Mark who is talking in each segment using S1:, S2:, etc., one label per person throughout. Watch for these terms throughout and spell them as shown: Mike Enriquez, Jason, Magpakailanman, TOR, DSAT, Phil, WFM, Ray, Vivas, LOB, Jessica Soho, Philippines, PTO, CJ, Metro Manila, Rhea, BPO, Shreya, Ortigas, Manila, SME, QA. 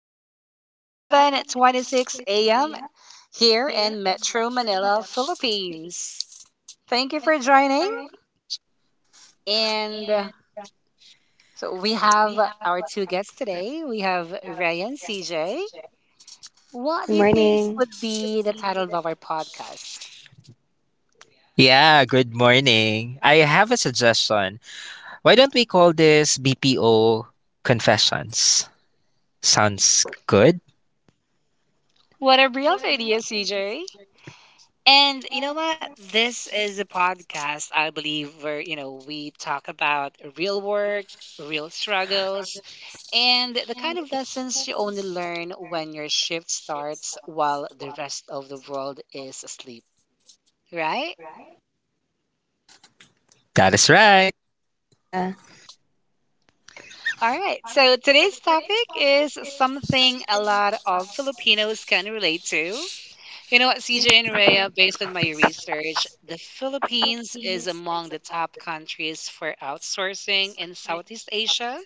S1: It is 7:26 a.m. here in Metro Manila, Philippines. Thank you for joining. And so we have our two guests today. We have Ray and CJ.
S2: Good
S1: What do you think
S2: morning.
S1: would be the title of our podcast?
S3: Yeah, good morning. I have a suggestion. Why don't we call this BPO Confessions? Sounds good.
S1: What are real ideas, CJ? And you know what? This is a podcast, I believe, where, you know, we talk about real work, real struggles, and the kind of lessons you only learn when your shift starts while the rest of the world is asleep. Right?
S3: That is right.
S2: Yeah.
S1: All right. So today's topic is something a lot of Filipinos can relate to. You know what, CJ and Rhea, based on my research, the Philippines is among the top countries for outsourcing in Southeast Asia,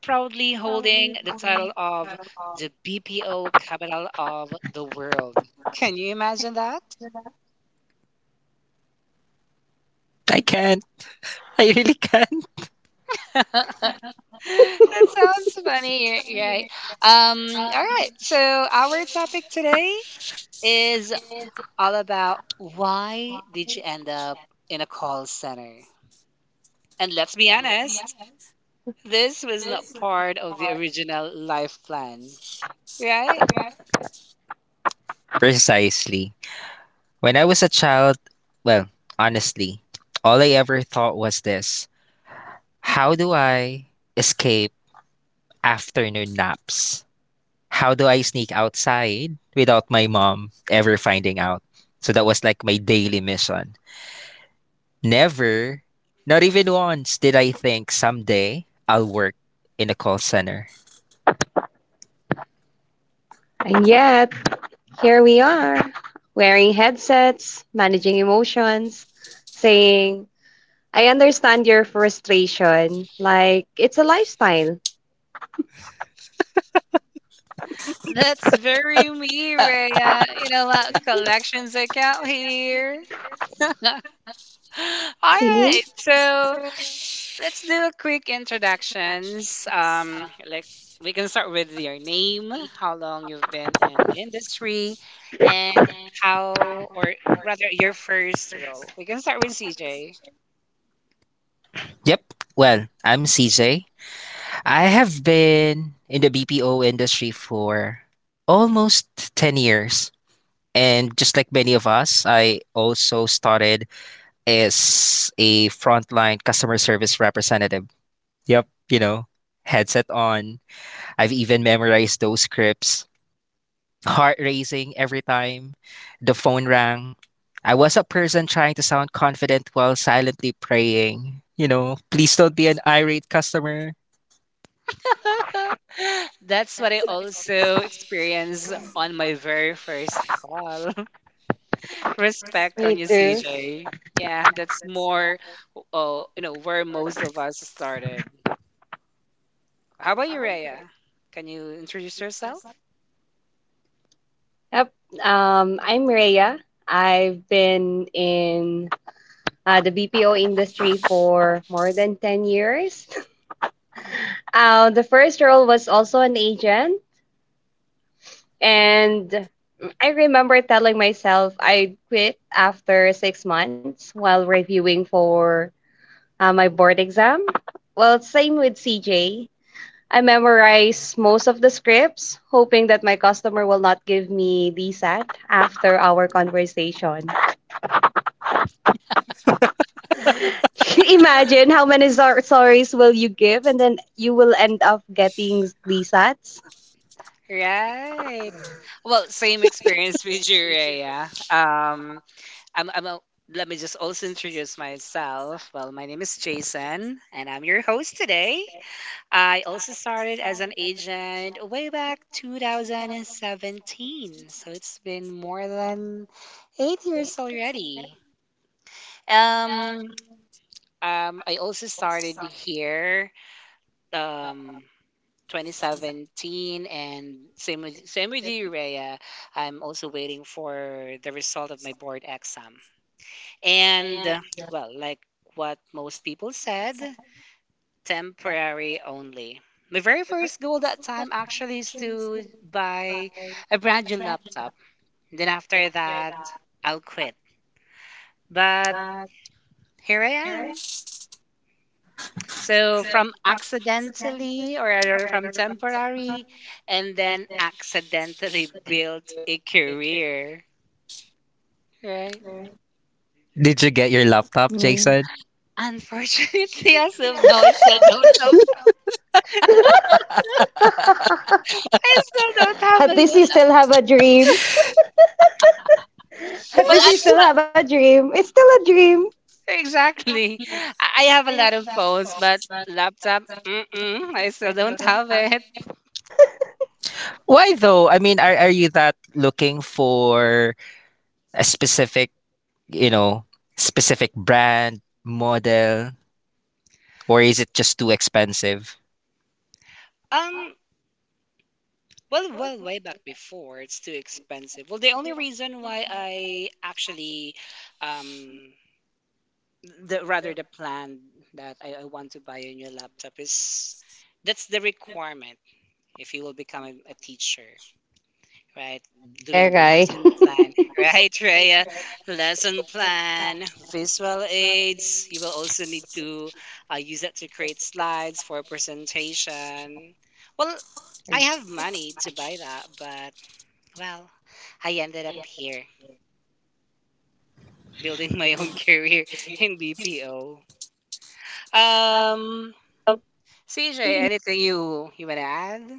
S1: proudly holding the title of the BPO capital of the world. Can you imagine that?
S3: I can. I really can.
S1: That sounds funny, right? All right, so our topic today is all about why did you end up in a call center? And let's be honest, this was not part of the original life plan, right?
S3: Precisely. When I was a child, well, honestly, all I ever thought was this: how do I escape afternoon naps? How do I sneak outside without my mom ever finding out? So that was like my daily mission. Never, not even once did I think someday I'll work in a call center.
S2: And yet, here we are, wearing headsets, managing emotions, saying, I understand your frustration. Like, it's a lifestyle.
S1: That's very me, Rhea. You know what? Collections account here. All
S2: See?
S1: right, so let's do a quick introductions. Like we can start with your name, how long you've been in the industry, and how, or rather, your first role. We can start with CJ.
S3: Yep. Well, I'm CJ. I have been in the BPO industry for almost 10 years. And just like many of us, I also started as a frontline customer service representative. Yep. You know, headset on. I've even memorized those scripts, heart racing every time the phone rang. I was a person trying to sound confident while silently praying, please don't be an irate customer.
S1: That's what I also experienced on my very first call.
S2: Me
S1: Respect on you,
S2: too.
S1: CJ. Yeah, that's more, oh, you know, where most of us started. How about you, Rhea? Can you introduce yourself?
S2: Yep. I'm Rhea. I've been in the BPO industry for more than 10 years. The first role was also an agent. And I remember telling myself I'd quit after 6 months while reviewing for my board exam. Well, same with CJ. I memorized most of the scripts, hoping that my customer will not give me DSAT after our conversation. Imagine how many sorries will you give, and then you will end up getting DSATs.
S1: Right. Well, same experience with you, Rhea. I'm, I'm a, let me just also introduce myself. Well, my name is Jason, and I'm your host today. I also started as an agent way back 2017, so it's been more than 8 years already. Um, I also started here, um, 2017, and same with you, Rhea. I'm also waiting for the result of my board exam. And well, like what most people said, temporary only. My very first goal that time actually is to buy a brand new laptop. Then after that, I'll quit. But here I am. So from accidentally or rather from temporary and then accidentally built a career, right?
S3: Did you get your laptop,
S2: Yeah.
S3: Jason?
S1: Unfortunately, as of now, I still don't have
S2: At
S1: a
S2: least
S1: lot.
S2: you still have a dream. At
S1: Well,
S2: least
S1: I
S2: you still have a dream. It's still a dream.
S1: exactly. I have a lot of phones, but laptop, mm-mm, I still don't have it.
S3: Why though? I mean, are you that looking for a specific, you know, specific brand, model, or is it just too expensive?
S1: Um, well, way back before, it's too expensive. Well, the only reason why I actually um the rather the plan that I want to buy a new laptop is that's the requirement if you will become ,a teacher, right?
S2: Yeah,
S1: Doing the
S2: right.
S1: lesson plan, right, Rhea? Lesson plan, visual aids, you will also need to use that to create slides for presentation. Well, I have money to buy that, but well, I ended up here building my own career in BPO. um CJ, anything you wanna add?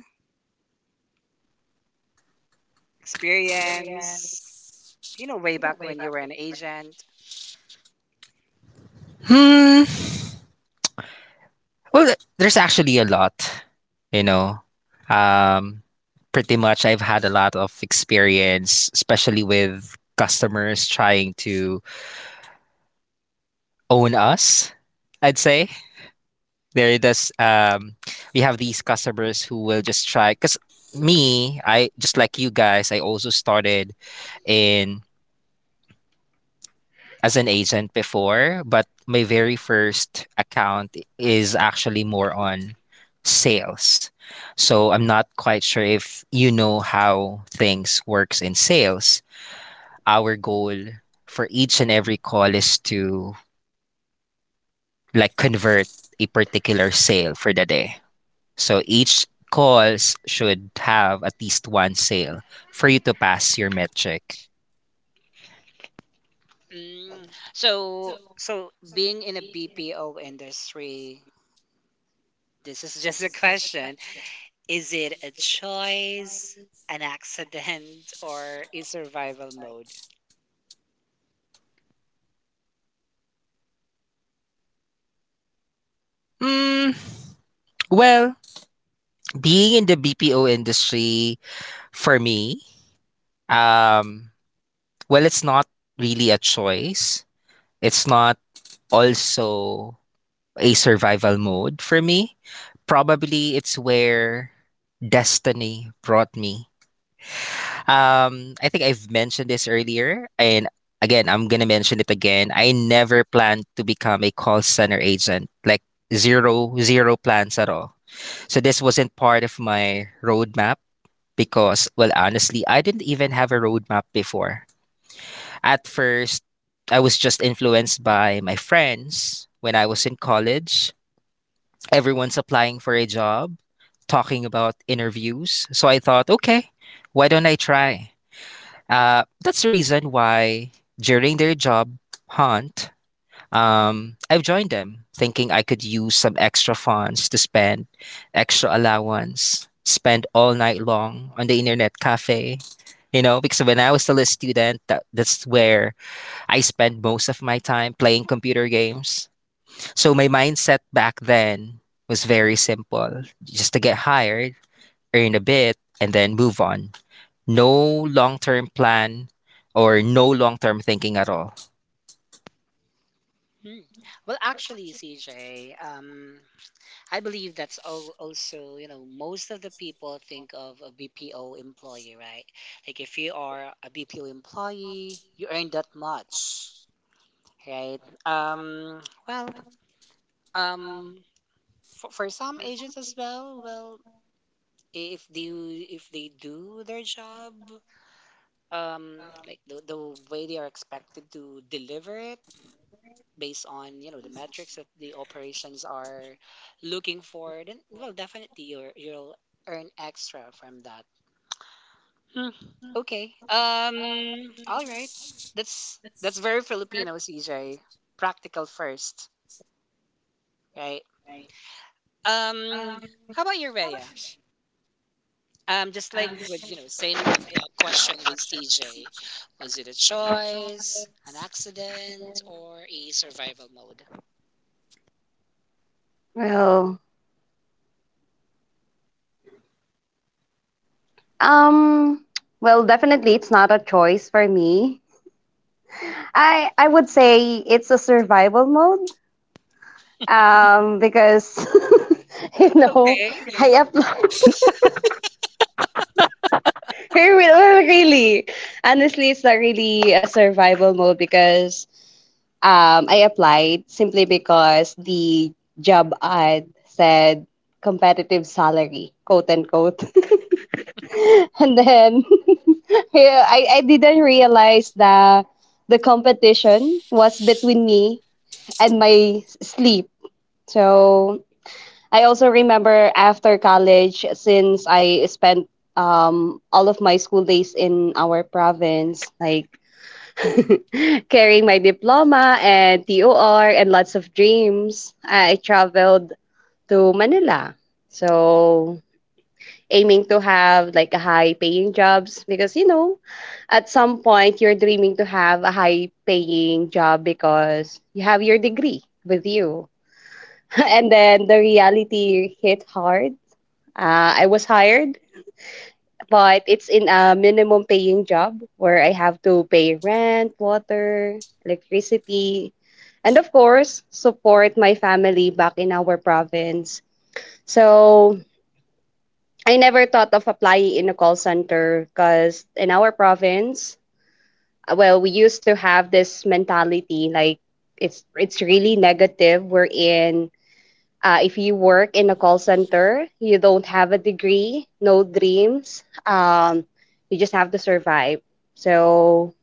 S1: Experience? You know, way back when you were an agent.
S3: Hmm, Well, there's actually a lot, you know. Um, Pretty much, I've had a lot of experience, especially with customers trying to own us. I'd say there does. We have these customers who will just try. Cause me, I just like you guys. I also started in as an agent before, but my very first account is actually more on sales. So I'm not quite sure if you know how things works in sales. Our goal for each and every call is to like convert a particular sale for the day. So each calls should have at least one sale for you to pass your metric.
S1: Mm. So being in a BPO industry, this is just a question. Is it a choice, an accident, or a survival mode?
S3: Mm, well, being in the BPO industry for me. Um, well, it's not really a choice. It's not also a survival mode for me. Probably it's where destiny brought me. I think I've mentioned this earlier, and again, I'm gonna mention it again. I never planned to become a call center agent, like zero, zero plans at all. So this wasn't part of my roadmap because, well, honestly, I didn't even have a roadmap before. At first, I was just influenced by my friends when I was in college. Everyone's applying for a job, talking about interviews. So I thought, okay, why don't I try? That's the reason why during their job hunt, I've joined them thinking I could use some extra funds to spend, extra allowance, spend all night long on the internet cafe. You know, because when I was still a student, that's where I spend most of my time playing computer games. So my mindset back then was very simple, just to get hired, earn a bit, and then move on. No long term plan or no long term thinking at all.
S1: Hmm. Well, actually, CJ, I believe that's all also, you know, most of the people think of a BPO employee, right? Like if you are a BPO employee, you earn that much, right? Um, well, um, for some agents as well, well, if they do their job, like the way they are expected to deliver it, based on you know the metrics that the operations are looking for, then well, definitely you'll earn extra from that. Hmm, okay, all right, that's very Filipino, CJ. Practical first, right? um how about your Rhea? Just like with, you know, same question with CJ, was it a choice, an accident, or a survival mode?
S2: Well, um, well, definitely it's not a choice for me. I would say it's a survival mode. Because you know
S1: Okay.
S2: I applied. Well, really, honestly, it's not really a survival mode because I applied simply because the job ad said competitive salary, quote unquote. And then yeah, I didn't realize that the competition was between me and my sleep. So I also remember after college, since I spent all of my school days in our province, like, carrying my diploma and TOR and lots of dreams, I traveled to Manila. So aiming to have like a high paying jobs because at some point you're dreaming to have a high paying job because you have your degree with you. And then the reality hit hard. I was hired, but it's in a minimum paying job where I have to pay rent, water, electricity, and of course support my family back in our province. So I never thought of applying in a call center because in our province, well, we used to have this mentality, like, it's really negative. We're in If you work in a call center, you don't have a degree, no dreams. You just have to survive. So,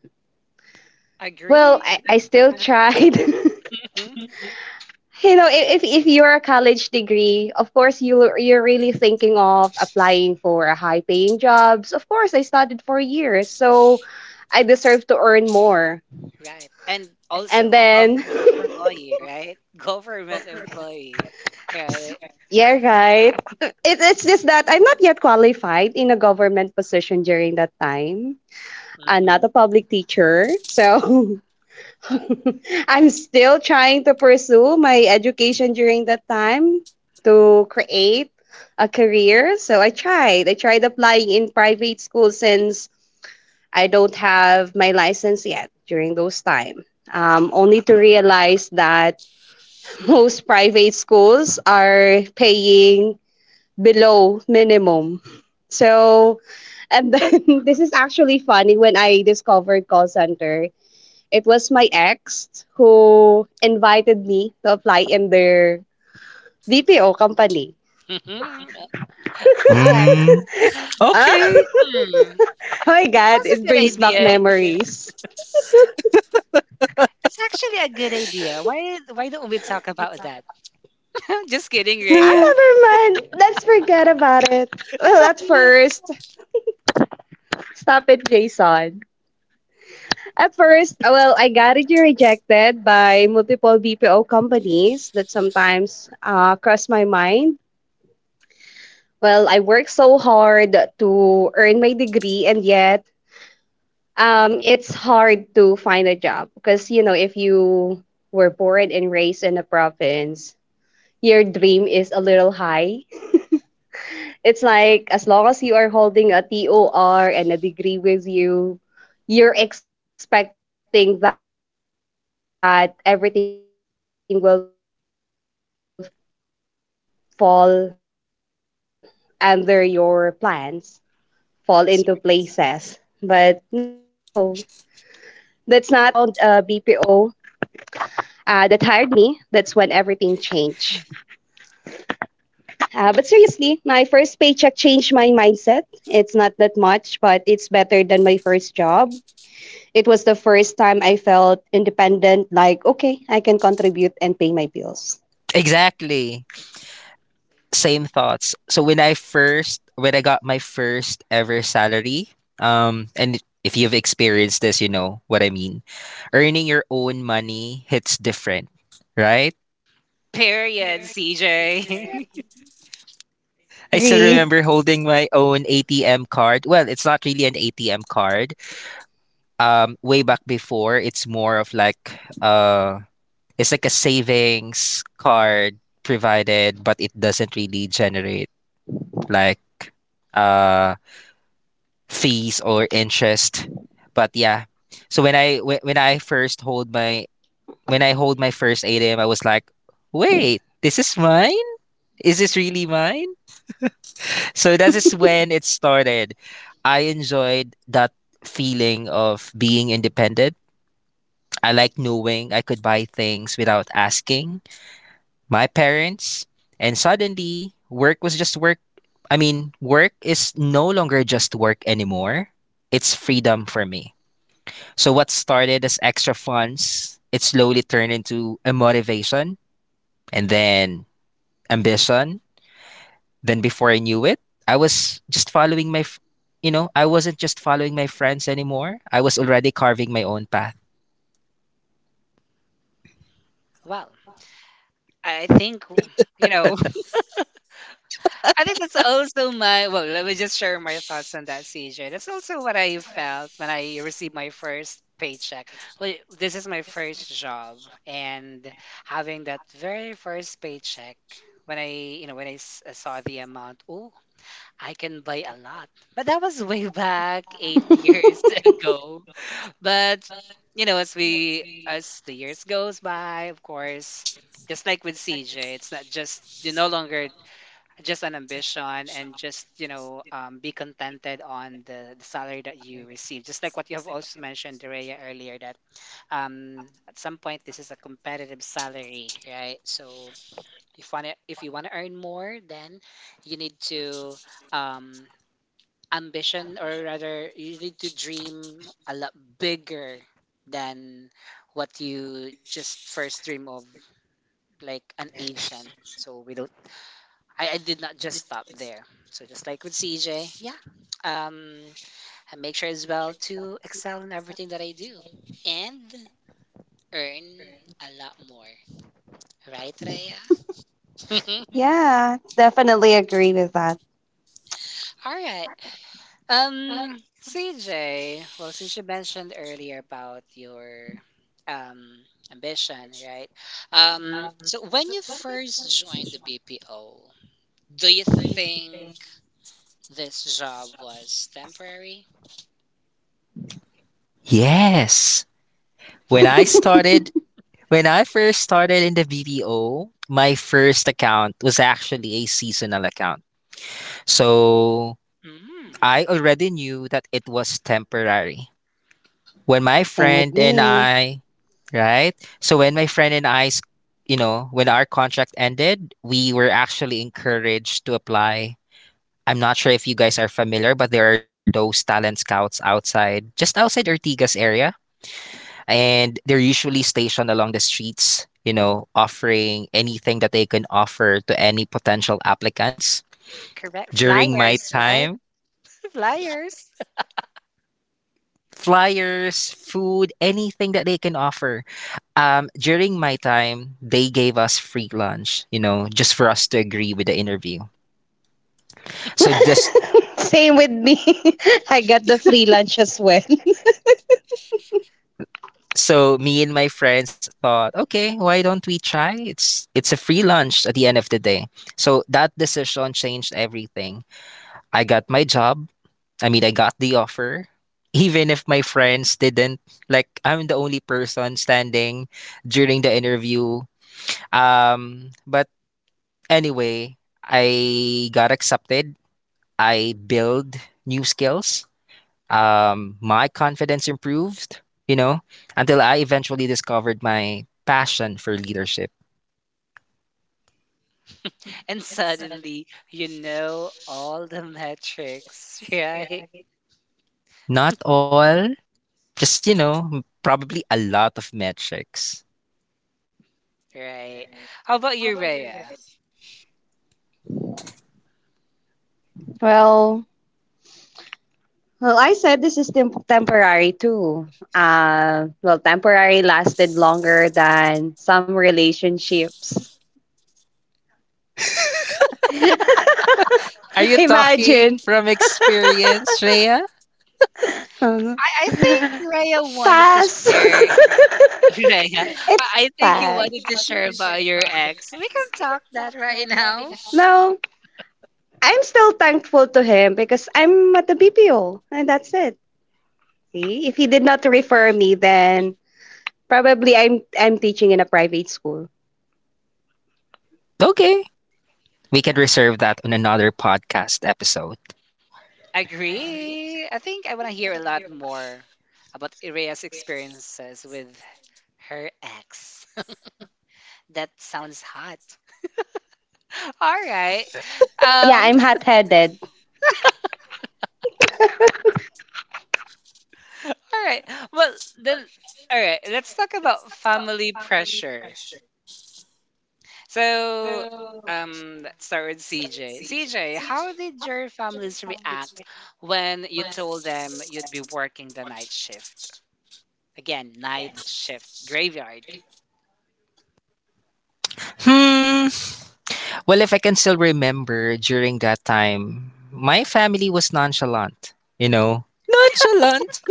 S2: well,
S1: Agree.
S2: I still tried.
S1: 100%.
S2: you know, i- if you're a college degree, of course you're really thinking of applying for a high paying jobs. Of course, I studied for years, so I deserve to earn more.
S1: Right. And
S2: And
S1: also
S2: then,
S1: government employee, right? Government employee, right?
S2: yeah, right. It's just that I'm not yet qualified in a government position during that time. I'm
S1: Mm-hmm.
S2: not a public teacher, so I'm still trying to pursue my education during that time to create a career. So I tried. I tried applying in private school since I don't have my license yet during those time. Only to realize that most private schools are paying below minimum. So, and then, this is actually funny when I discovered call center. It was my ex who invited me to apply in their BPO company.
S1: Hacks.
S3: Mm,
S2: Ah,
S3: okay.
S2: oh
S1: Hmm.
S2: my
S1: That
S2: God,
S1: sounds a
S2: it
S1: good
S2: brings back
S1: idea.
S2: memories.
S1: It's actually a good idea. Why don't we talk about that? Just kidding,
S2: Ah,
S1: Rhea.
S2: never mind. Let's forget about it. Well, at first, stop it, Jason. At first, well, I got it rejected by multiple BPO companies that sometimes cross my mind. Well, I worked so hard to earn my degree, and yet, it's hard to find a job because, you know, if you were born and raised in a province, your dream is a little high. It's like, as long as you are holding a TOR and a degree with you, you're expecting that everything will fall under your plans, fall into places. But no, that's not what exactly happened here in Manila with me. So
S1: Sorry.
S2: until I found a BPO that hired me, that's when everything changed. But seriously, my first paycheck changed my
S1: Mhm.
S2: mindset. It's not that much, but it's better than my first job. It was the first time I felt independent, like, okay, I can contribute and pay my bills.
S3: Exactly. Same thoughts. So when I first, when I got my first ever salary, and if you've experienced this, you know what I mean. Earning your own money hits different, right?
S1: Period, CJ.
S3: I still
S2: Agree.
S3: remember holding my own ATM card. Well, it's not really an ATM card. Way back before, it's more of like uh it's like a savings card provided, but it doesn't really generate like uh fees or interest. But yeah, so when I first hold my, when I hold my first ATM, I was like, wait, this is mine. Is this really mine? So that is when it started. I enjoyed that feeling of being independent. I like knowing I could buy things without asking my parents. And suddenly, work was just work. I mean, work is no longer just work anymore. It's freedom for me. So what started as extra funds, it slowly turned into a motivation and then ambition. Then before I knew it, I was just following my, f- you know, I wasn't just following my friends anymore. I was already carving my own path.
S1: Well, I think, you know, I think that's also my well, let me just share my thoughts on that, CJ. That's also what I felt when I received my first paycheck. Well, this is my first job, and having that very first paycheck when I, when I saw the amount, oh, I can buy a lot. But that was way back 8 years ago. But, you know, as the years goes by, of course, just like with CJ, it's not just you no longer just an ambition, and just you know, be contented on the salary that you receive, just like what you have also mentioned, Dorea, earlier, that at some point this is a competitive salary, right? So if you want to earn more, then you need to, um, ambition, or rather you need to dream a lot bigger than what you just first dream of, like an agent. So we don't I did not just stop there. So just like with CJ, yeah, um, I make sure as well to excel in everything that I do and earn a lot more. Right, Raya?
S2: Yeah, definitely agree with that.
S1: All right. CJ, well, since you mentioned earlier about your um ambition, right? So when you first joined the BPO, do you think this job was temporary?
S3: Yes. When I started, when I first started in the BPO, my first account was actually a seasonal account. So
S1: Mm.
S3: I already knew that it was temporary. When my
S2: Same with
S3: friend and
S2: me.
S3: I, right? So when my friend and I, you know, when our contract ended, we were actually encouraged to apply. I'm not sure if you guys are familiar, but there are those talent scouts outside, just outside Ortigas area, and they're usually stationed along the streets, you know, offering anything that they can offer to any potential applicants.
S1: Correct.
S3: During my
S1: Flyers, right?
S3: time,
S1: Flyers.
S3: flyers, food, anything that they can offer. During my time, they gave us free lunch, you know, just for us to agree with the interview. So just
S2: Same with me. I got the free lunch as well.
S3: so me and my friends thought, okay, why don't we try? It's a free lunch at the end of the day. So that decision changed everything. I got my job. I mean, I got the offer. Even if my friends didn't, like I'm the only person standing during the interview. But anyway, I got accepted, I build new skills. My confidence improved, you know, until I eventually discovered my passion for leadership.
S1: And suddenly, you know all the metrics, right?
S3: Not all, just, you know, probably a lot of metrics.
S1: Right. How about you, Rhea?
S2: Well, I said this is temporary too. Well, temporary lasted longer than some relationships.
S3: Are you talking
S2: Imagine.
S3: from experience, Shreya?
S1: I think Rhea wanted to
S2: Pass.
S1: share. Rhea, I,
S2: It's
S1: I think you
S2: pass.
S1: wanted to share about your ex. We can talk that right now.
S2: No, I'm still thankful to him because I'm at the BPO and that's it. See, if he did not refer me, then probably I'm teaching in a private school.
S3: Okay. We can reserve that on another podcast episode.
S1: Agree. I think I want to hear a lot more about Rhea's experiences with her ex. That sounds hot. All right.
S2: Yeah,
S1: Um,
S2: I'm hot-headed.
S1: All right. Well, then, all right. Let's talk about family pressure. So, let's start with CJ. CJ, how did your families react when you told them you'd be working the night shift? Again, night shift, graveyard.
S3: Hmm. Well, if I can still remember during that time, my family was nonchalant, you know? Nonchalant?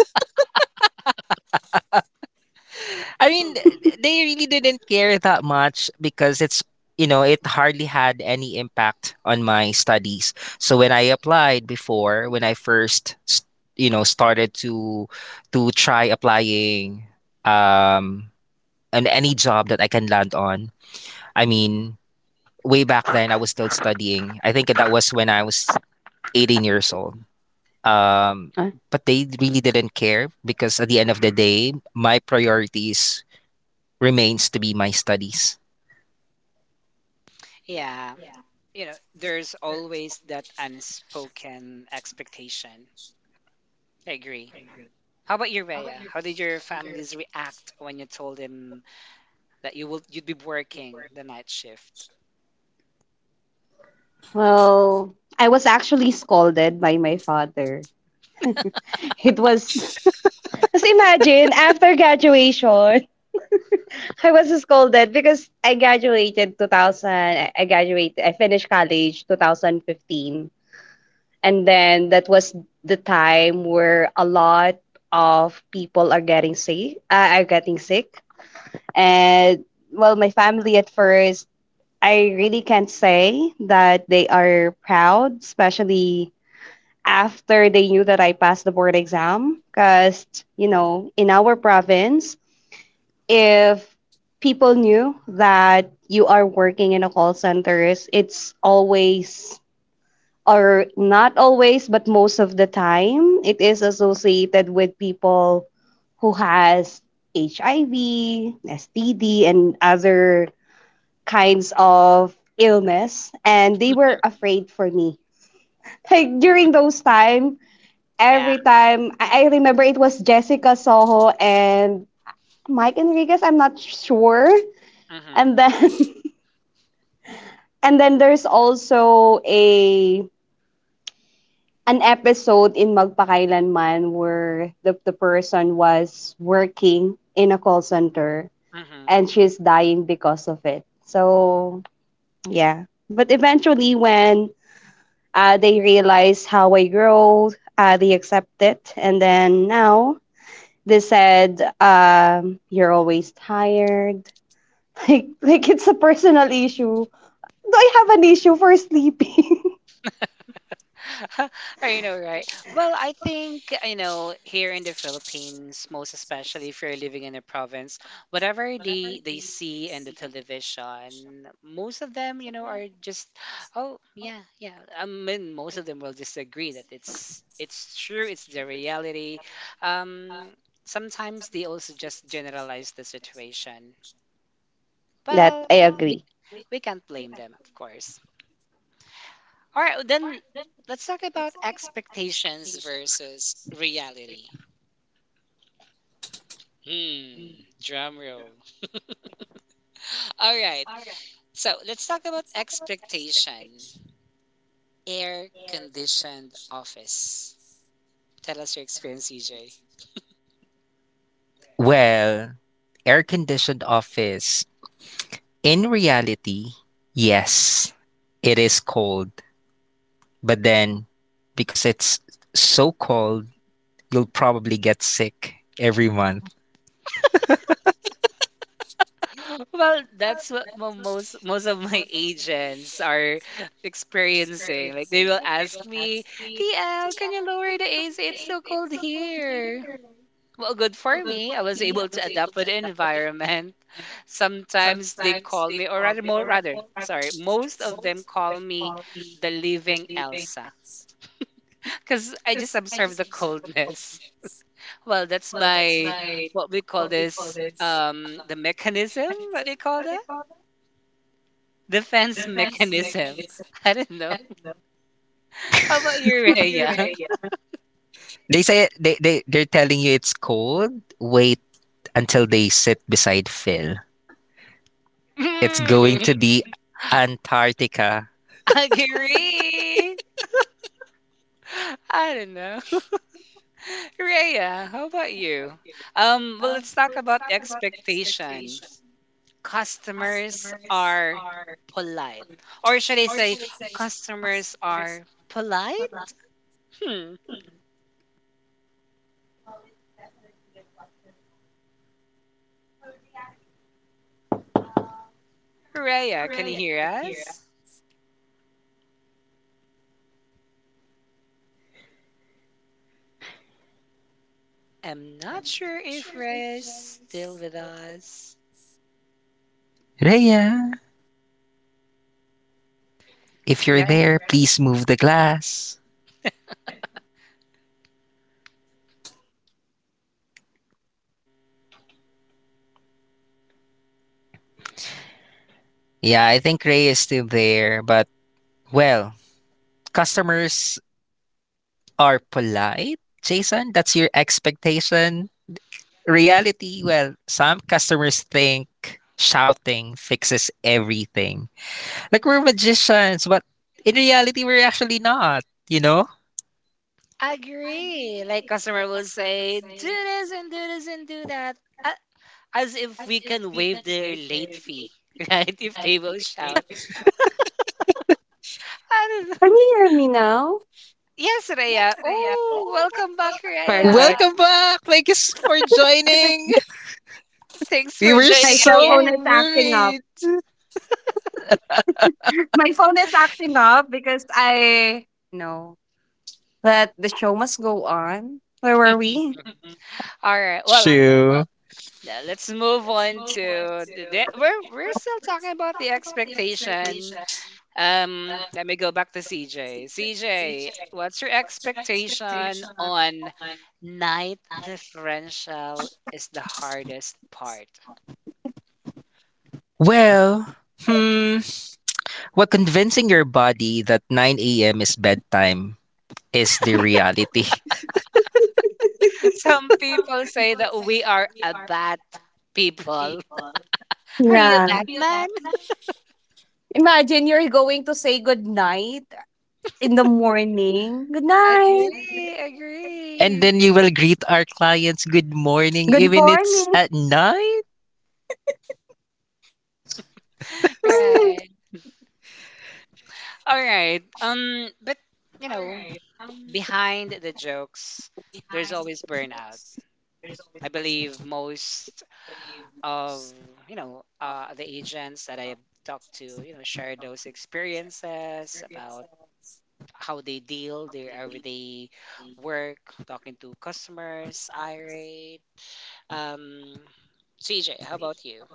S3: I mean, they really didn't care that much because it's, you know, it hardly had any impact on my studies. So when I applied before, when I first, you know, started to try applying um on any job that I can land on. I mean, way back then I was still studying. I think that was when I was 18 years old. Um but they really didn't care because at the end of the day, my priorities remains to be my studies.
S1: Yeah. You know, there's always that unspoken expectation. I agree. How about you, Rhea? How did your families react when you told them that you'd be working the night shift?
S2: Well, I was actually scolded by my father. It was, just imagine, after graduation, I was scolded because I graduated 2000. I graduated. I finished college 2015, and then that was the time where a lot of people are getting sick. And, well, my family at first, I really can't say that they are proud, especially after they knew that I passed the board exam. Because, you know, in our province, if people knew that you are working in a call centers, it's always, or not always, but most of the time, it is associated with people who has HIV, STD, and other kinds of illness, and they were afraid for me. Like during those time,
S1: Yeah.
S2: every time I remember, it was Jessica Soho and Mike Enriquez, I'm not sure.
S1: Mm-hmm.
S2: And then and then there's also a an episode in Magpakailanman where the person was working in a call center
S1: Mm-hmm.
S2: and she's dying because of it. So yeah. But eventually when they realize how I grow, they accept it, and then now they said, you're always tired. Like it's a personal issue. Do I have an issue for sleeping?
S1: I know, right? Well, I think, you know, here in the Philippines, most especially if you're living in a province, whatever they see in the television, most of them, you know, are just, oh, yeah, yeah. I mean, most of them will disagree that it's true, it's the reality. Um, Sometimes they also just generalize the situation.
S2: That
S1: Well,
S2: I
S1: we,
S2: agree.
S1: we can't blame them, of course. All right, then let's talk about expectations versus reality. Hmm, drum roll. All right, so let's talk about expectation. Air conditioned office. Tell us your experience, CJ.
S3: Well, air conditioned office, in reality, yes, it is cold. But then, because it's so cold, you'll probably get sick every month.
S1: Well, that's what most of my agents are experiencing. Like they will ask me, "TL, can you lower the AC? It's so cold here." Well, good for me. I was able to adapt with the environment. Sometimes they call me, or rather, more rather, sorry, most of them call me the living Elsa because I just observe the coldness. Well, that's my what we call this, the mechanism. What do you call that? Defense mechanism. I don't know. How about you, Rhea?
S3: They're telling you it's cold. Wait until they sit beside Phil. It's going
S1: Hmm.
S3: to be Antarctica.
S1: Agree. I don't know. Rhea, how about you? Well, let's talk about expectation. Customers are polite. Or should I say, customers are polite? Hmm. Rhea, can you hear us? I'm not sure if Rhea is still with us.
S3: Rhea, if you're
S1: Right?
S3: there, please move the glass. Yeah, I think Ray is still there, but well, customers are polite, Jason? That's your expectation? Reality, well, some customers think shouting fixes everything. Like we're magicians, but in reality, we're actually not, you know?
S1: Agree. Like customer will say, do this and do this and do that. a- As if we can waive their late fee, right? If they will shout.
S2: Can you hear me
S1: I
S2: now?
S1: don't know. Yes, Rhea. Oh,
S2: Perfect.
S1: welcome back, Rhea.
S3: Welcome back. Thank you for joining.
S2: My cell phone
S1: Thanks
S2: is
S3: We
S1: for
S3: were
S2: acting
S1: joining
S2: up.
S1: again.
S3: so worried.
S2: My phone is acting up because I know that the show must go on. Where were we?
S1: All right. Well,
S3: True.
S1: let's move on to the, we're still talking about the expectation. Let me go back to CJ. CJ, what's your expectation on night differential is the hardest part?
S3: Well, hmm. well, convincing your body that 9 a.m. is bedtime is the reality.
S1: Some people say that we are a bat people.
S2: Yeah.
S1: Are you a Batman?
S2: Imagine you're going to say good night in the morning. Good night.
S1: Agree,
S3: And
S1: agree.
S3: then you will greet our clients
S2: Good
S3: good
S2: morning.
S3: morning even it's at night.
S1: Right. All right. But you know, behind the jokes, there's always burnout. I believe most of, you know, the agents that I have talked to, you know, share those experiences about how they deal their everyday work, talking to customers, irate. Um, CJ, how about you?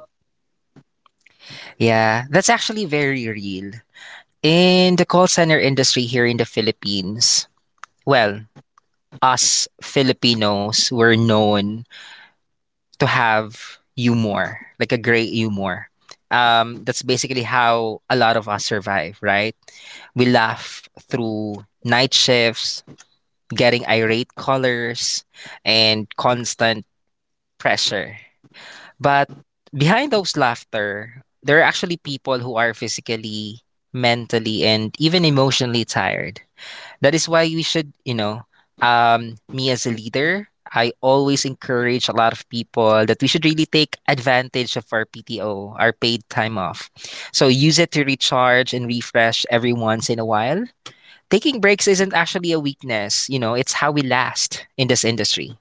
S3: Yeah, that's actually very real in the call center industry here in the Philippines. Well, us Filipinos were known to have humor, like a great humor, that's basically how a lot of us survive, right? We laugh through night shifts, getting irate callers and constant pressure. But behind those laughter, there are actually people who are physically, mentally, and even emotionally tired. That is why we should, you know, me as a leader, I always encourage a lot of people that we should really take advantage of our PTO, our paid time off. So use it to recharge and refresh every once in a while. Taking breaks isn't actually a weakness, you know, it's how we last in this industry.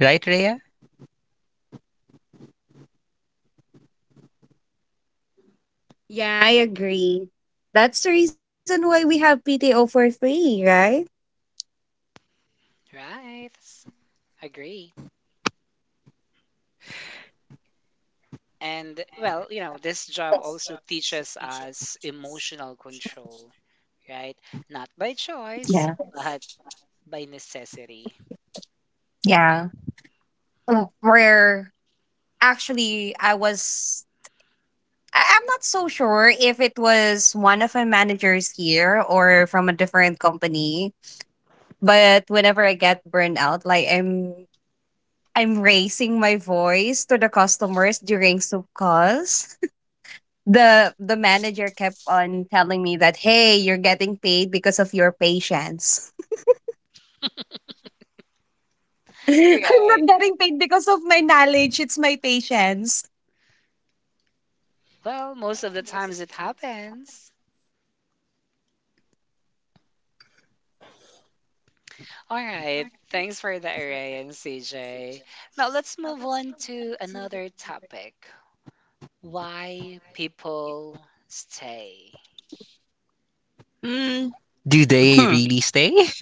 S3: Right, Rhea?
S2: Yeah, I agree. That's the reason why we have PTO for free, right?
S1: Right, agree. And well, you know, this job also teaches us emotional control, right?
S2: Yeah.
S1: Not by choice, but by necessity.
S2: Yeah. Where actually, I'm not so sure if it was one of my managers here or from a different company, but whenever I get burned out, like I'm raising my voice to the customers during soup calls. The manager kept on telling me that, hey, you're getting paid because of your patience. I'm not getting paid because of
S1: Right.
S2: my knowledge. It's my patience.
S1: Well, most of the times it happens. All right. Thanks for the array and CJ. Now let's move on to another topic. Why people stay.
S3: Mm,
S2: Hmm.
S3: do they really stay?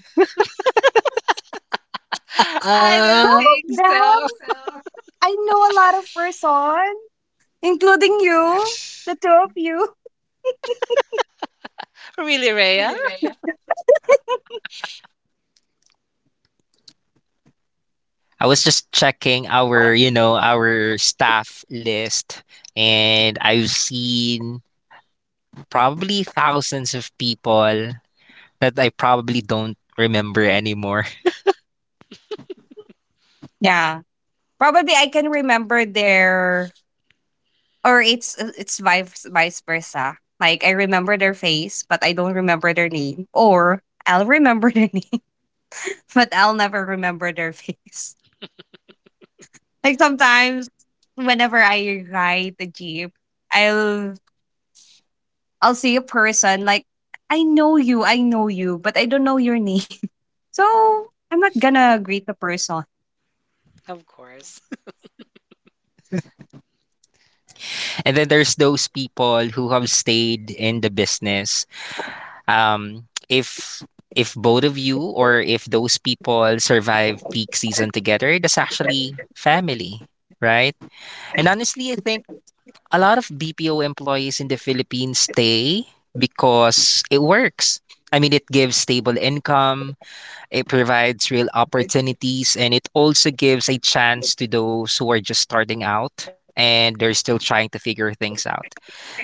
S2: Some of
S1: I don't
S2: them,
S1: think so.
S2: I know a lot of person, including you, the two of you.
S1: Really, Rhea?
S3: I was just checking our, you know, our staff list, and I've seen probably thousands of people that I probably don't remember anymore.
S2: Yeah, probably I can remember their, or it's vice versa. Like I remember their face, but I don't remember their name, or I'll remember their name, but I'll never remember their face. Like sometimes, whenever I ride the jeep, I'll I'll see a person, like, I know you, but I don't know your name. So I'm not gonna greet the person.
S1: Of course.
S3: And then there's those people who have stayed in the business. Um if if both of you or if those people survive peak season together, that's actually family, right? And honestly, I think a lot of BPO employees in the Philippines stay because it works. I mean, it gives stable income, it provides real opportunities, and it also gives a chance to those who are just starting out and they're still trying to figure things out.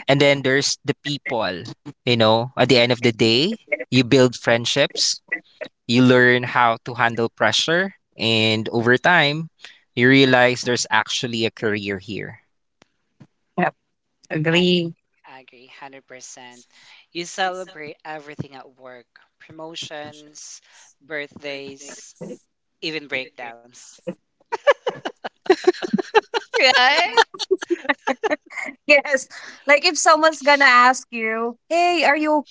S3: And then there's the people, you know, at the end of the day, you build friendships, you learn how to handle pressure, and over time, you realize there's actually a career here.
S2: Yep. Agree.
S1: Agree. Agree. 100%. You celebrate everything at work, promotions, birthdays, even breakdowns. Right?
S2: Yes. Like if someone's gonna ask you, hey, are you okay? And then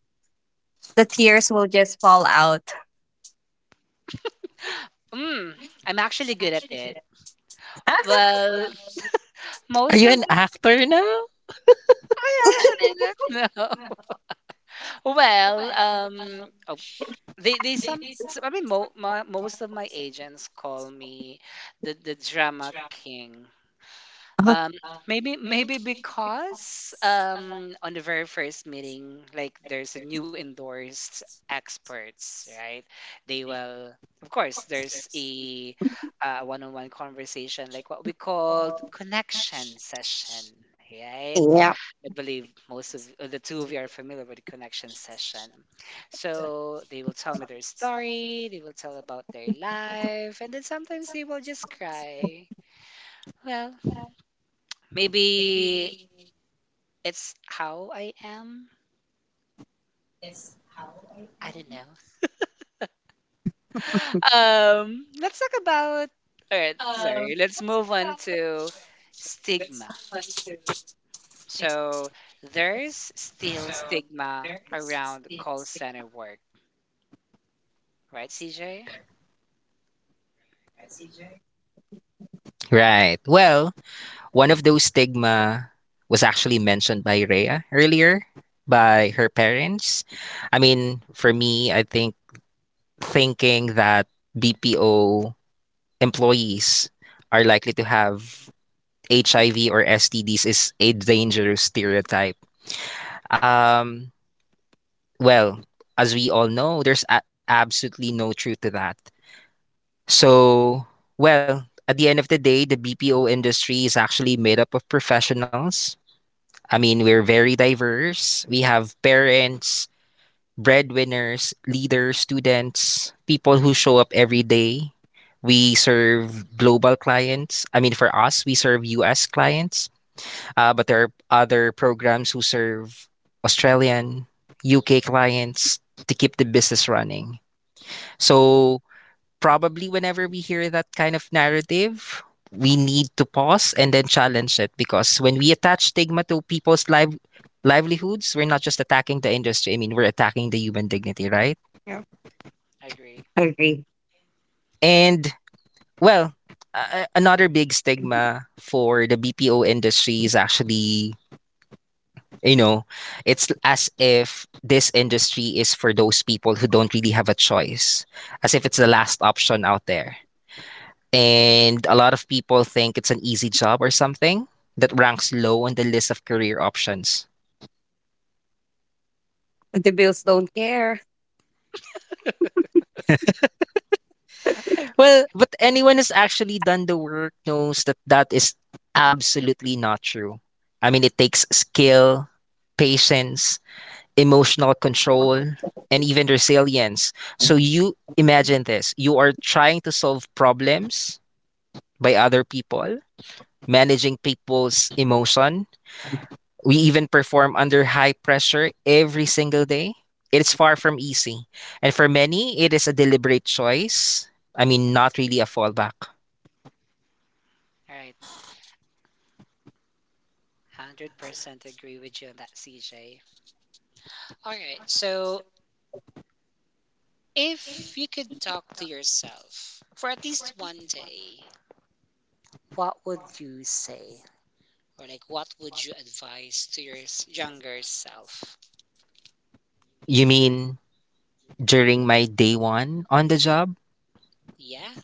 S2: the tears will just fall out.
S1: Mm, I'm actually good at it. Well,
S3: Are
S1: most
S3: you
S1: of
S3: an
S1: the,
S3: actor now?
S1: I actually don't know. Well, oh, they some so, I mean mo, mo, most of my agents call me the drama king. Um, maybe because on the very first meeting, like there's a new endorsed experts, right? They will, of course, there's a one-on-one conversation, like what we called connection session,
S2: Yeah.
S1: right? I believe most of the two of you are familiar with the connection session. So they will tell me their story, they will tell about their life, and then sometimes they will just cry. Well, maybe it's how I am. I don't know. Let's talk about. All right, sorry. Let's move on to stigma. So there's still stigma around call center work, right, CJ?
S3: Right. Well, one of those stigma was actually mentioned by Rhea earlier by her parents. I mean, for me, I think thinking that BPO employees are likely to have HIV or STDs is a dangerous stereotype. Um, well, as we all know, there's absolutely no truth to that. So, well, at the end of the day, the BPO industry is actually made up of professionals. I mean, we're very diverse. We have parents, breadwinners, leaders, students, people who show up every day. We serve global clients. I mean, for us, we serve US clients, but there are other programs who serve Australian, UK clients to keep the business running. So, probably whenever we hear that kind of narrative, we need to pause and then challenge it because when we attach stigma to people's livelihoods, we're not just attacking the industry. I mean, we're attacking the human
S2: Yeah.
S3: dignity, right?
S2: Agree.
S1: Agree.
S3: And well, Another big stigma for the BPO industry is actually, you know, it's as if this industry is for those people who don't really have a choice, as if it's the last option out there. And a lot of people think it's an easy job or something that ranks low on the list of career options.
S2: The bills don't care.
S1: All
S3: Well, but anyone who's actually done the work knows that that is absolutely not true. I mean, it takes skill, patience, emotional control, and even resilience. So you imagine this, you are trying to solve problems by other people, managing people's emotion. We even perform under high pressure every single day. It's far from easy. And for many, it is a deliberate choice. I mean, not really a fallback.
S1: right, 100% agree with you on that, CJ. All right, so if you could talk to yourself for at least one day, what would you say? Or like, what would you advise to your younger self?
S3: You mean during my day 1 on the job?
S1: Yeah.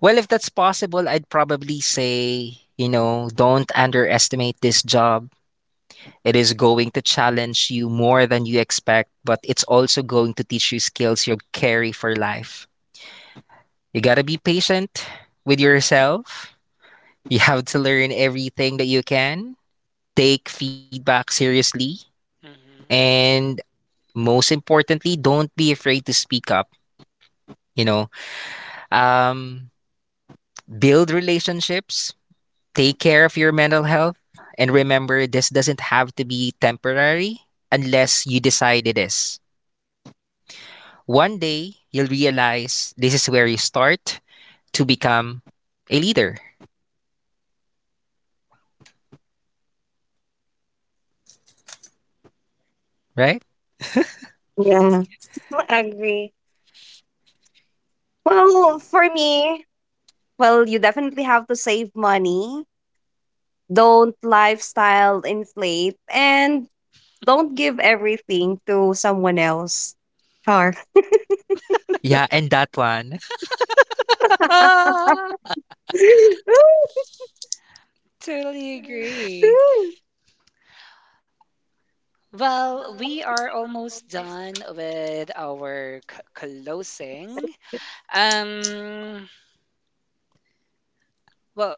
S3: Well, if that's possible, I'd probably say, you know, don't underestimate this job. It is going to challenge you more than you expect, but it's also going to teach you skills you'll carry for life. You got to be patient with yourself. You have to learn everything that you can, take feedback seriously,
S1: Hmm.
S3: and most importantly, don't be afraid to speak up. You know, um, Build relationships, take care of your mental health, and remember this doesn't have to be temporary unless you decide it is. One day, you'll realize this is where you start to become a leader, right?
S2: Yeah. Agree. Well, for me, well, you definitely have to save money. Don't lifestyle inflate, and don't give everything to someone else. Char.
S3: Yeah, and that one. I'd
S1: Totally agree. Well, we are almost done with our closing. Um, well,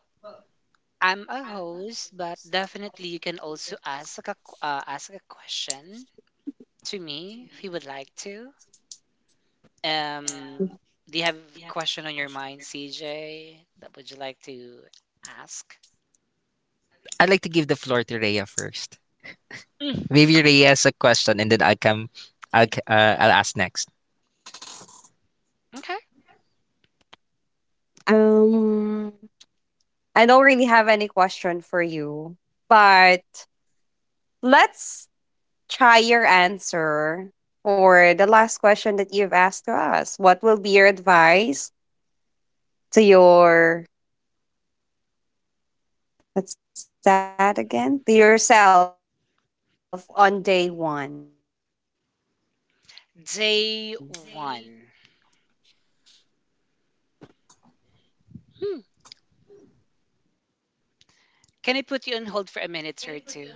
S1: I'm a host, but definitely you can also ask a ask a question to me if you would like to. Um, do you have a question on your mind, CJ, that would you like to ask?
S3: like to give the floor to Rhea first.
S1: Mm,
S3: Maybe Rhea has a question, and then I'll come. I'll ask next.
S1: okay.
S2: um, I don't really have any question for you, but let's try your answer for the last question that you've asked to us. What will be your advice to your, what's that again? To yourself on day one.
S1: Day one. Hmm. Can I put you on hold for a minute or two?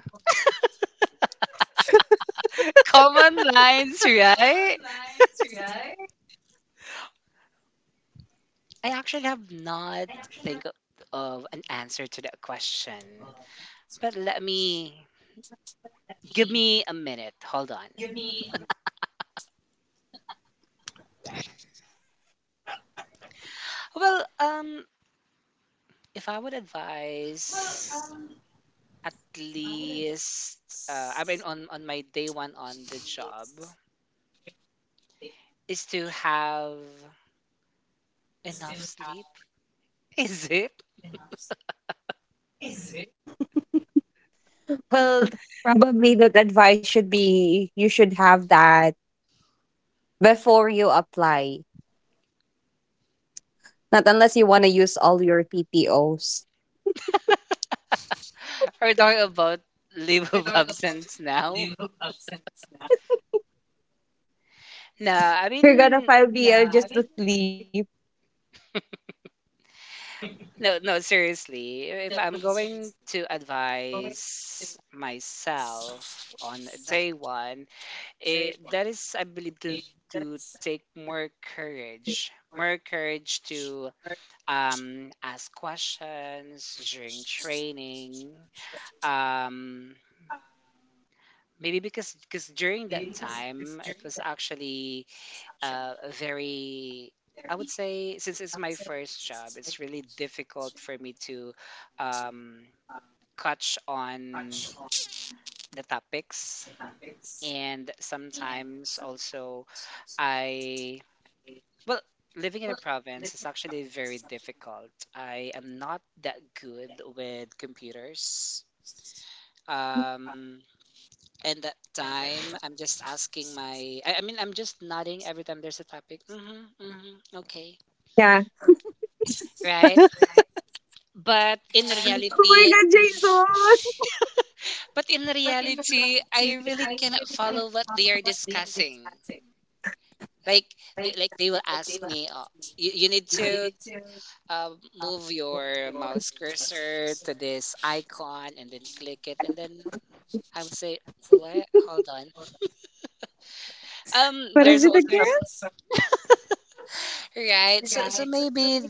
S1: Common lines, right?
S2: What is this? What
S1: I
S2: is
S1: actually
S2: that?
S1: have
S2: Learn how
S1: not
S2: to
S1: think
S2: use
S1: of
S2: the hold.
S1: an answer to that question, but let me give me a minute. Hold on. Well, if I would advise, at least, on my day one on the job, is to have enough sleep. Is it?
S2: Well, probably the advice should be you should have that before you apply. Not unless you want to use all your PTOs.
S1: Are we talking about leave of absence now?
S2: You're gonna file
S1: Nah, I
S2: BL just to
S1: mean,
S2: sleep.
S1: no, seriously. If I'm going to advise myself on day one, that is, I believe, to take more courage. More courage to ask questions during training. Um, maybe because during that time, it was actually a very I would say since it's my first job, it's really difficult for me to um, catch on the topics, and sometimes also I well living in a province is actually very difficult. I am not that good with computers. Um, and that time, I'm just asking my. I mean, I'm just nodding every time there's a topic. Mm-hmm,
S2: Yeah.
S1: mm-hmm, okay, right?
S2: Oh my
S1: but
S2: god,
S1: in reality
S2: Jason!
S1: but in reality I really cannot follow what they are discussing. like like they will ask me, oh, you need to uh, move your mouse cursor to this icon and then click it, and then I would say, what? Hold on.
S2: What is it again?
S1: There's also some Right. So maybe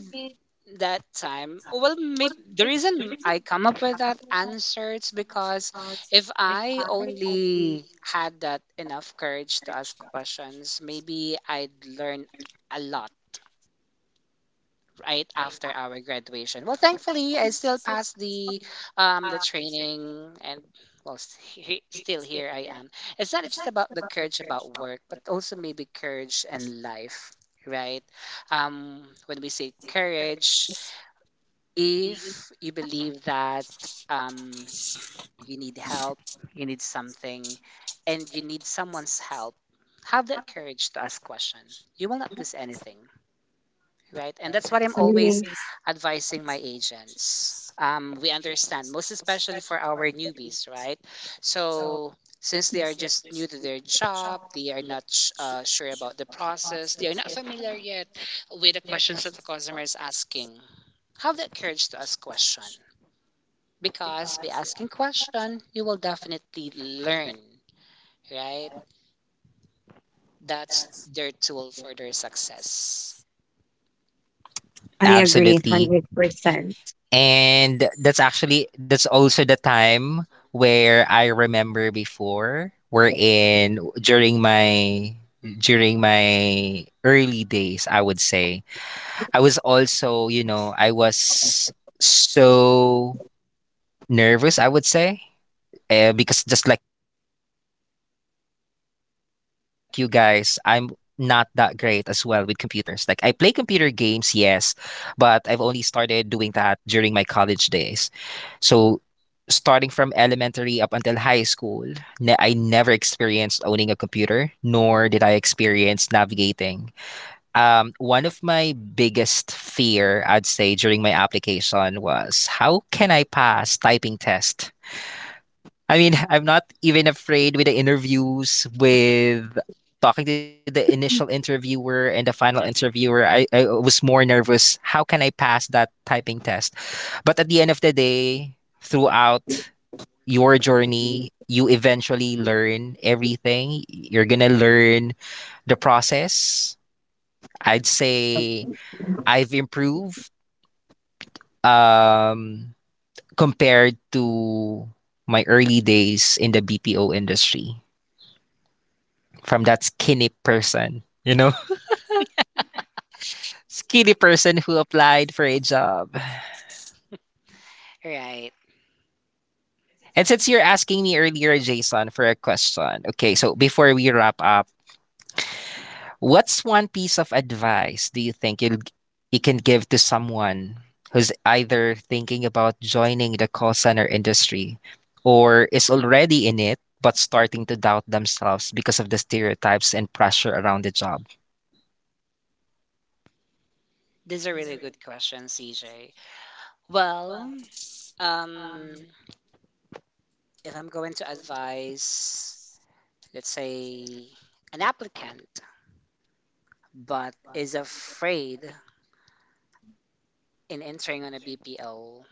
S1: that time, well, maybe the reason I come up with that answer is because if I only had that enough courage to ask questions, maybe I'd learn a lot. Right after our graduation, well, thankfully, I still passed the training and, well, still here I am. It's not just about the courage about work, but also maybe courage and life, right? Um, when we say courage, if you believe that um, you need help, you need something, and you need someone's help, have that courage to ask question. You will not lose anything, right?
S2: Agree.
S1: And that's what I'm always advising my agents. We understand, most especially for our newbies, right? So since they are just new to their job, they are not sure about the process, they are not familiar yet with the questions that the customer is asking. Have that courage to ask question, because by asking question, you will definitely learn, right? That's their tool for their success.
S2: I agree, 100%.
S3: Absolutely, and that's also the time where I remember before we're in during my early days. I would say I was also, you know, I was so nervous. I would say, because just like you guys, I'm not that great as well with computers. Like I play computer games, yes, but I've only started doing that during my college days. So starting from elementary up until high school, I never experienced owning a computer, nor did I experience navigating. One of my biggest fear, I'd say, during my application was how can I pass typing test? I mean, I'm not even afraid with the interviews, with talking to the initial interviewer and the final interviewer.
S1: Mhm.
S3: I was more nervous. How can I pass that typing test? But at the end of the day, throughout your journey, you eventually learn everything. You're going to learn the process. I'd say I've improved, um, compared to my early days in the BPO industry. From that skinny person. You know, skinny person who applied for a job.
S1: Right.
S3: And since you're asking me earlier, Jason, for a question, okay, so before we wrap up, what's one piece of advice do you think you can give to someone who's either thinking about joining the call center industry or is already in it but starting to doubt themselves because of the stereotypes and pressure around the job?
S1: These are really good questions, CJ. Well, um, if I'm going to advise, let's say, an applicant but is afraid in entering on a BPO,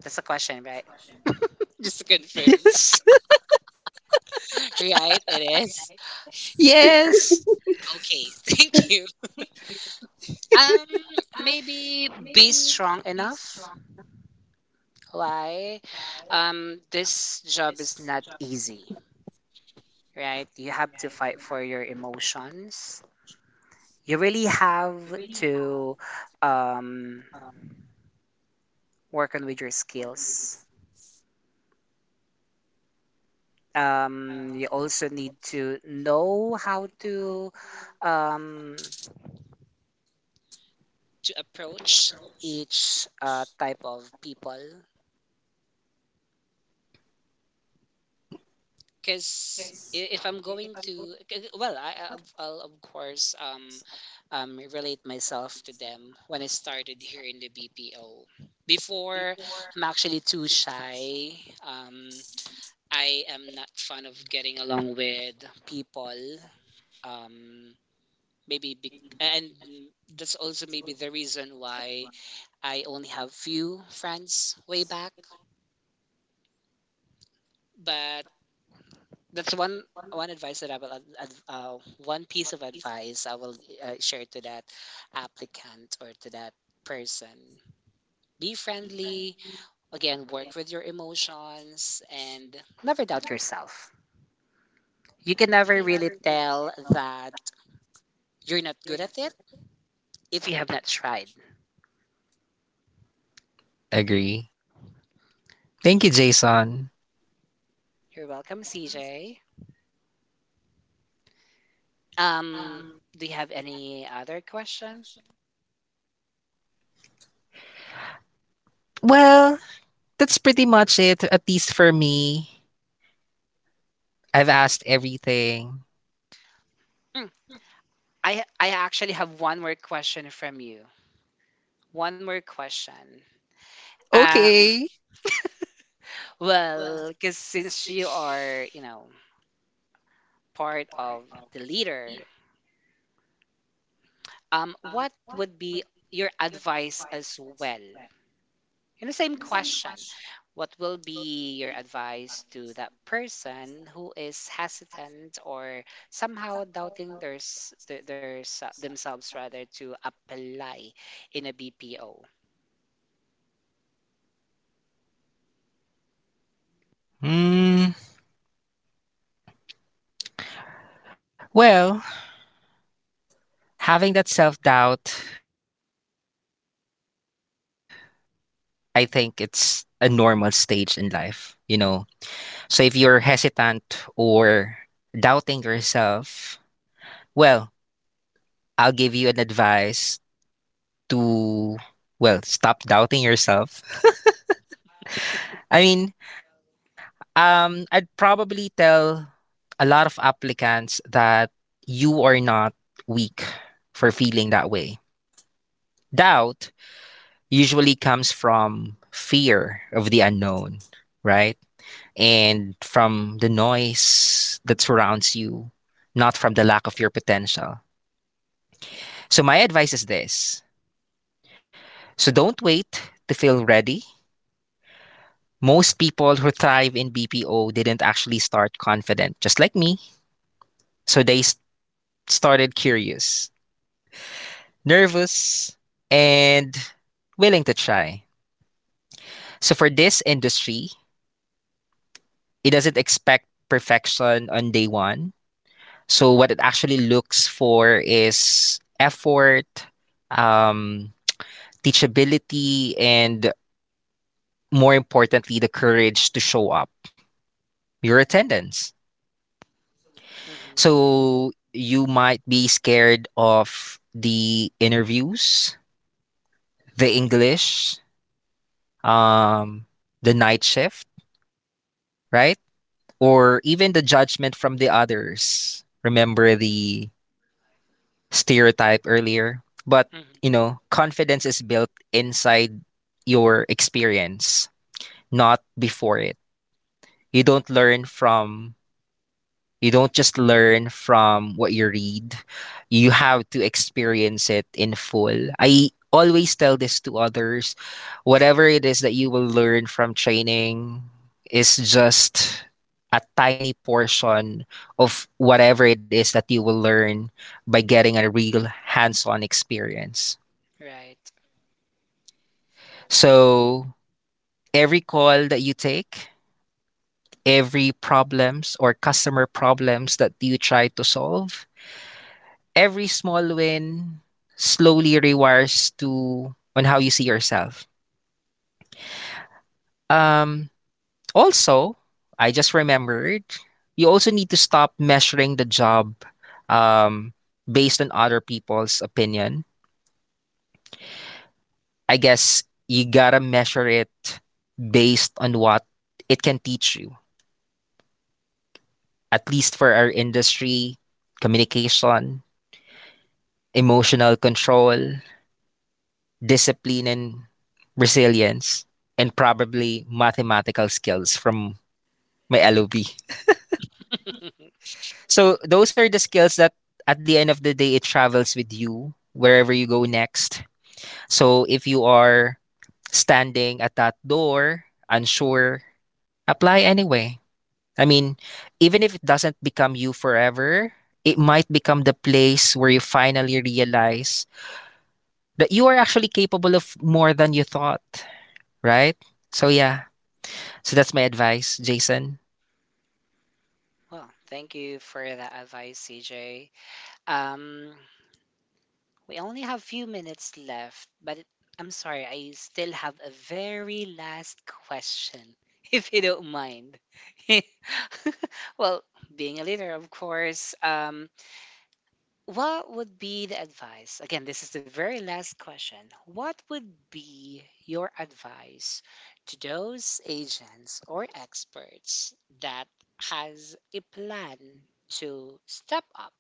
S1: that's a question, right? Just to confirm,
S3: Yes.
S1: right? It is.
S3: Yes.
S1: Okay, thank you. Um, maybe be strong enough. Why? This job is not easy, right? You have to fight for your emotions. You really have to um, work on with your skills. You also need to know how um, to approach each type of people because if I'm going to, I'll, of course, relate myself to them when I started here in the BPO. Before, I'm actually too shy. Um, I am not fond of getting along with people. Um, maybe be- and that's also maybe the reason why I only have few friends way back. But that's one advice that I will one piece of advice I will share to that applicant or to that person. Be friendly. Again, work with your emotions and never doubt yourself. You can never really tell that you're not good at it if you have not tried.
S3: Agree. Thank you, Jason.
S1: You're welcome, CJ. Um, do you have any other question?
S3: Well, that's pretty much it, at least for me. I've asked everything.
S1: Mm, I actually have one more question from you. One more question. Uh,
S3: Okay.
S1: Well, because since you are, you know, part of the leader, what would be your advice as well? In the same question, what will be your advice to that person who is hesitant or somehow doubting their themselves rather to apply in a BPO?
S3: Hmm. Well, having that self doubt, I think it's a normal stage in life, you know? So if you're hesitant or doubting yourself, well, I'll give you an advice to, well, stop doubting yourself. I mean, I'd probably tell a lot of applicants that you are not weak for feeling that way. Doubt usually comes from fear of the unknown, right? And from the noise that surrounds you, not from the lack of your potential. So, my advice is this, so don't wait to feel ready. Most people who thrive in BPO didn't actually start confident, just like me. So, they s- Started curious, nervous, and willing to try. So for this industry, it doesn't expect perfection on day 1. So what it actually looks for is effort, um, teachability, and more importantly, the courage to show up, your attendance.
S1: Hmm.
S3: So you might be scared of the interviews, the English, um, the night shift, right? Or even the judgment from the others. Remember the stereotype earlier? But, you know,
S1: Hmm.
S3: confidence is built inside your experience, not before it. You don't learn from You don't just learn from what you read. You have to experience it in full. I always tell this to others. Whatever it is that you will learn from training is just a tiny portion of whatever it is that you will learn by getting a real hands-on experience.
S1: Right.
S3: So, every call that you take, every problems or customer problems that you try to solve, every small win slowly rewires to on how you see yourself. Um, Also, I just remembered you also need to stop measuring the job, um, based on other people's opinion. I guess you gotta measure it based on what it can teach you, at least for our industry: communication, emotional control, discipline and resilience, and probably mathematical skills from my LOB. So those are the skills that at the end of the day it travels with you wherever you go next. So if you are standing at that door unsure, apply anyway. I mean, even if it doesn't become you forever, it might become the place where you finally realize that you are actually capable of more than you thought, right? So yeah, so that's my advice, Jason.
S1: Well, thank you for that advice, CJ. Um, We only have few minutes left, but I'm sorry, I still have a very last question, if you don't mind. Well, being a leader, of course, what would be the advice? Again, this is the very last question. What would be your advice to those agents or experts that has a plan to step up,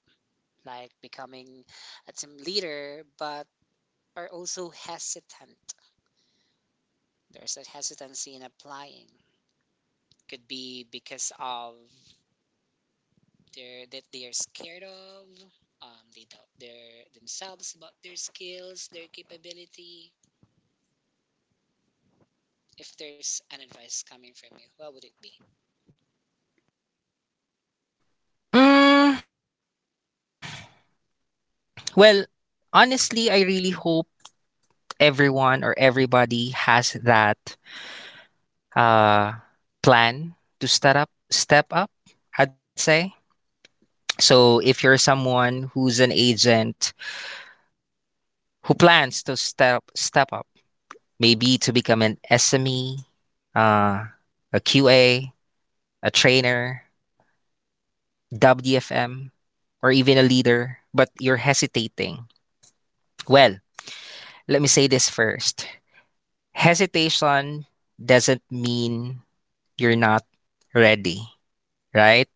S1: like becoming a team leader, but are also hesitant. There's a hesitancy in applying. Could be because of their that they are scared of. They doubt their themselves about their skills, their capability. If there's an advice coming from you, what would it be?
S3: Mm, well, honestly, I really hope everyone or everybody has that uh, plan to step up. Step up, I'd say. So if you're someone who's an agent who plans to step up, maybe to become an SME, uh, a QA, a trainer, WFM, or even a leader, but you're hesitating. Well, let me say this first. Hesitation doesn't mean you're not ready, right?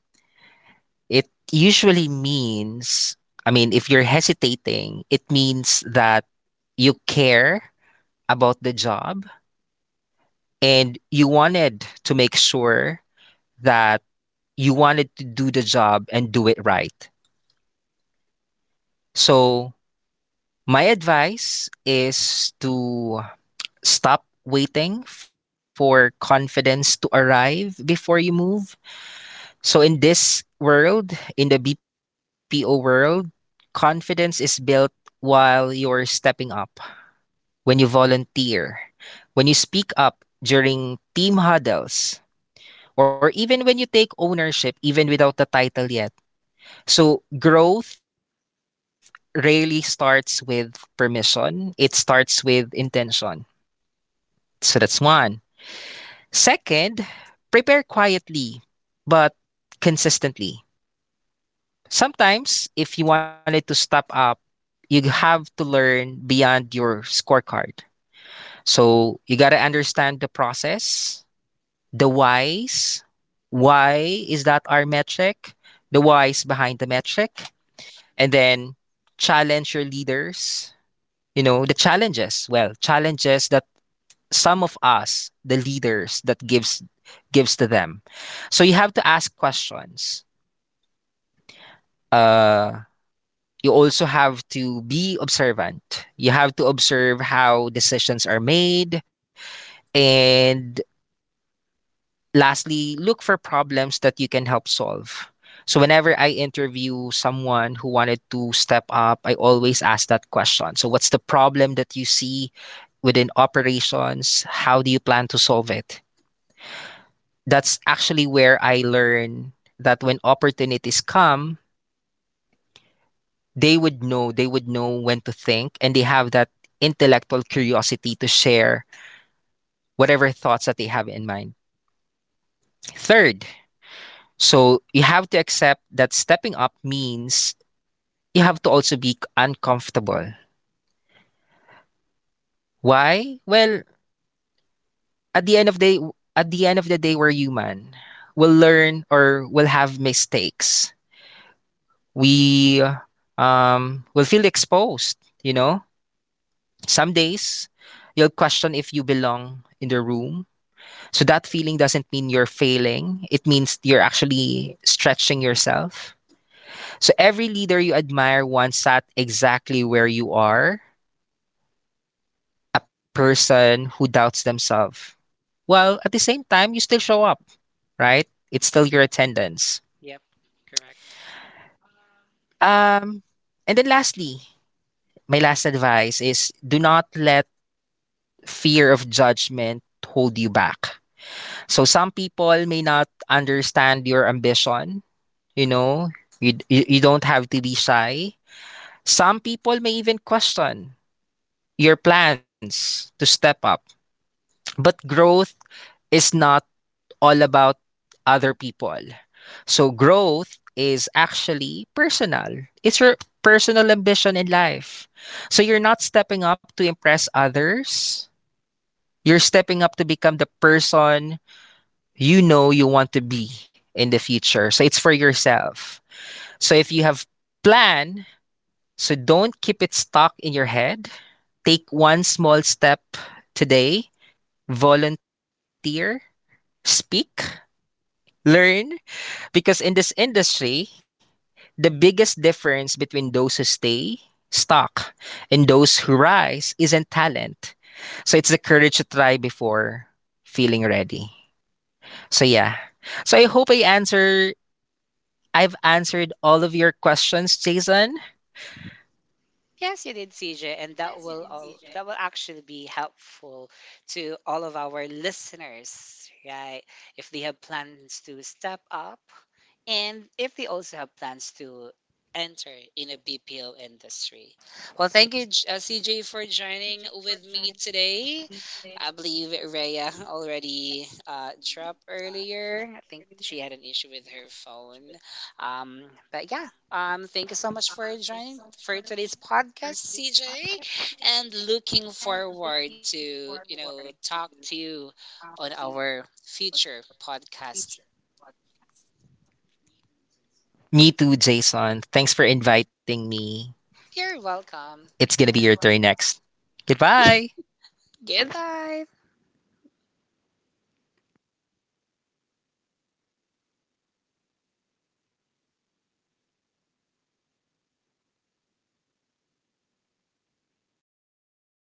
S3: It usually means, I mean, if you're hesitating, it means that you care about the job and you wanted to make sure that you wanted to do the job and do it right. So, my advice is to stop waiting for confidence to arrive before you move. So in this world, in the BPO world, confidence is built while you're stepping up, when you volunteer, when you speak up during team huddles, or even when you take ownership even without the title yet. So growth rarely starts with permission, it starts with intention. So that's one. Second, prepare quietly but consistently. Sometimes, if you wanted to step up, you have to learn beyond your scorecard. So you got to understand the process, the whys. Why is that our metric? The whys
S1: Hmm.
S3: behind the metric. And then challenge your leaders, you know, the challenges. Well, challenges that some of us, the leaders, that gives to them. So you have to ask questions. Uh you also have to be observant. You have to observe how decisions are made. And lastly, look for problems that you can help solve. So, whenever I interview someone who wanted to step up, I always ask that question. So, what's the problem that you see within operations? How do you plan to solve it? That's actually where I learn that when opportunities come, they would know when to think and they have that intellectual curiosity to share whatever thoughts that they have in mind. Third, so you have to accept that stepping up means you have to also be uncomfortable. Why? Well, at the end of the day, at the end of the day, we're human. We'll learn or we'll have mistakes. We will feel exposed, you know. Some days you'll question if you belong in the room. So that feeling doesn't mean you're failing. It means you're actually stretching yourself. So every leader you admire once sat exactly where you are, a person who doubts themselves. Well, at the same time, you still show up, right? It's still your attendance.
S1: Yep, correct.
S3: Um, and then lastly, my last advice is do not let fear of judgment hold you back. So some people may not understand your ambition. You know, you don't have to be shy. Some people may even question your plans to step up. But growth is not all about other people. So growth is actually personal. It's your personal ambition in life. So you're not stepping up to impress others. You're stepping up to become the person you know you want to be in the future. So it's for yourself. So if you have plan, so don't keep it stuck in your head. Take one small step today, volunteer, speak, learn, because in this industry, the biggest difference between those who stay stuck and those who rise isn't talent. So it's the courage to try before feeling ready. So yeah. So I hope I answer I've answered all of your questions, Jason.
S1: Yes, you did, CJ, and that will actually be helpful to all of our listeners, right? If they have plans to step up, and if they also have plans to enter in a BPO industry. Well, thank you, CJ, for joining with me today. I believe Rhea already dropped earlier. I think she had an issue with her phone. Um, but yeah, thank you so much for joining for today's podcast, CJ, and looking forward to you know talk to you on our future podcast.
S3: Me too, Jason. Thanks for inviting me.
S1: You're welcome.
S3: It's gonna be your turn next. Goodbye.
S1: Goodbye.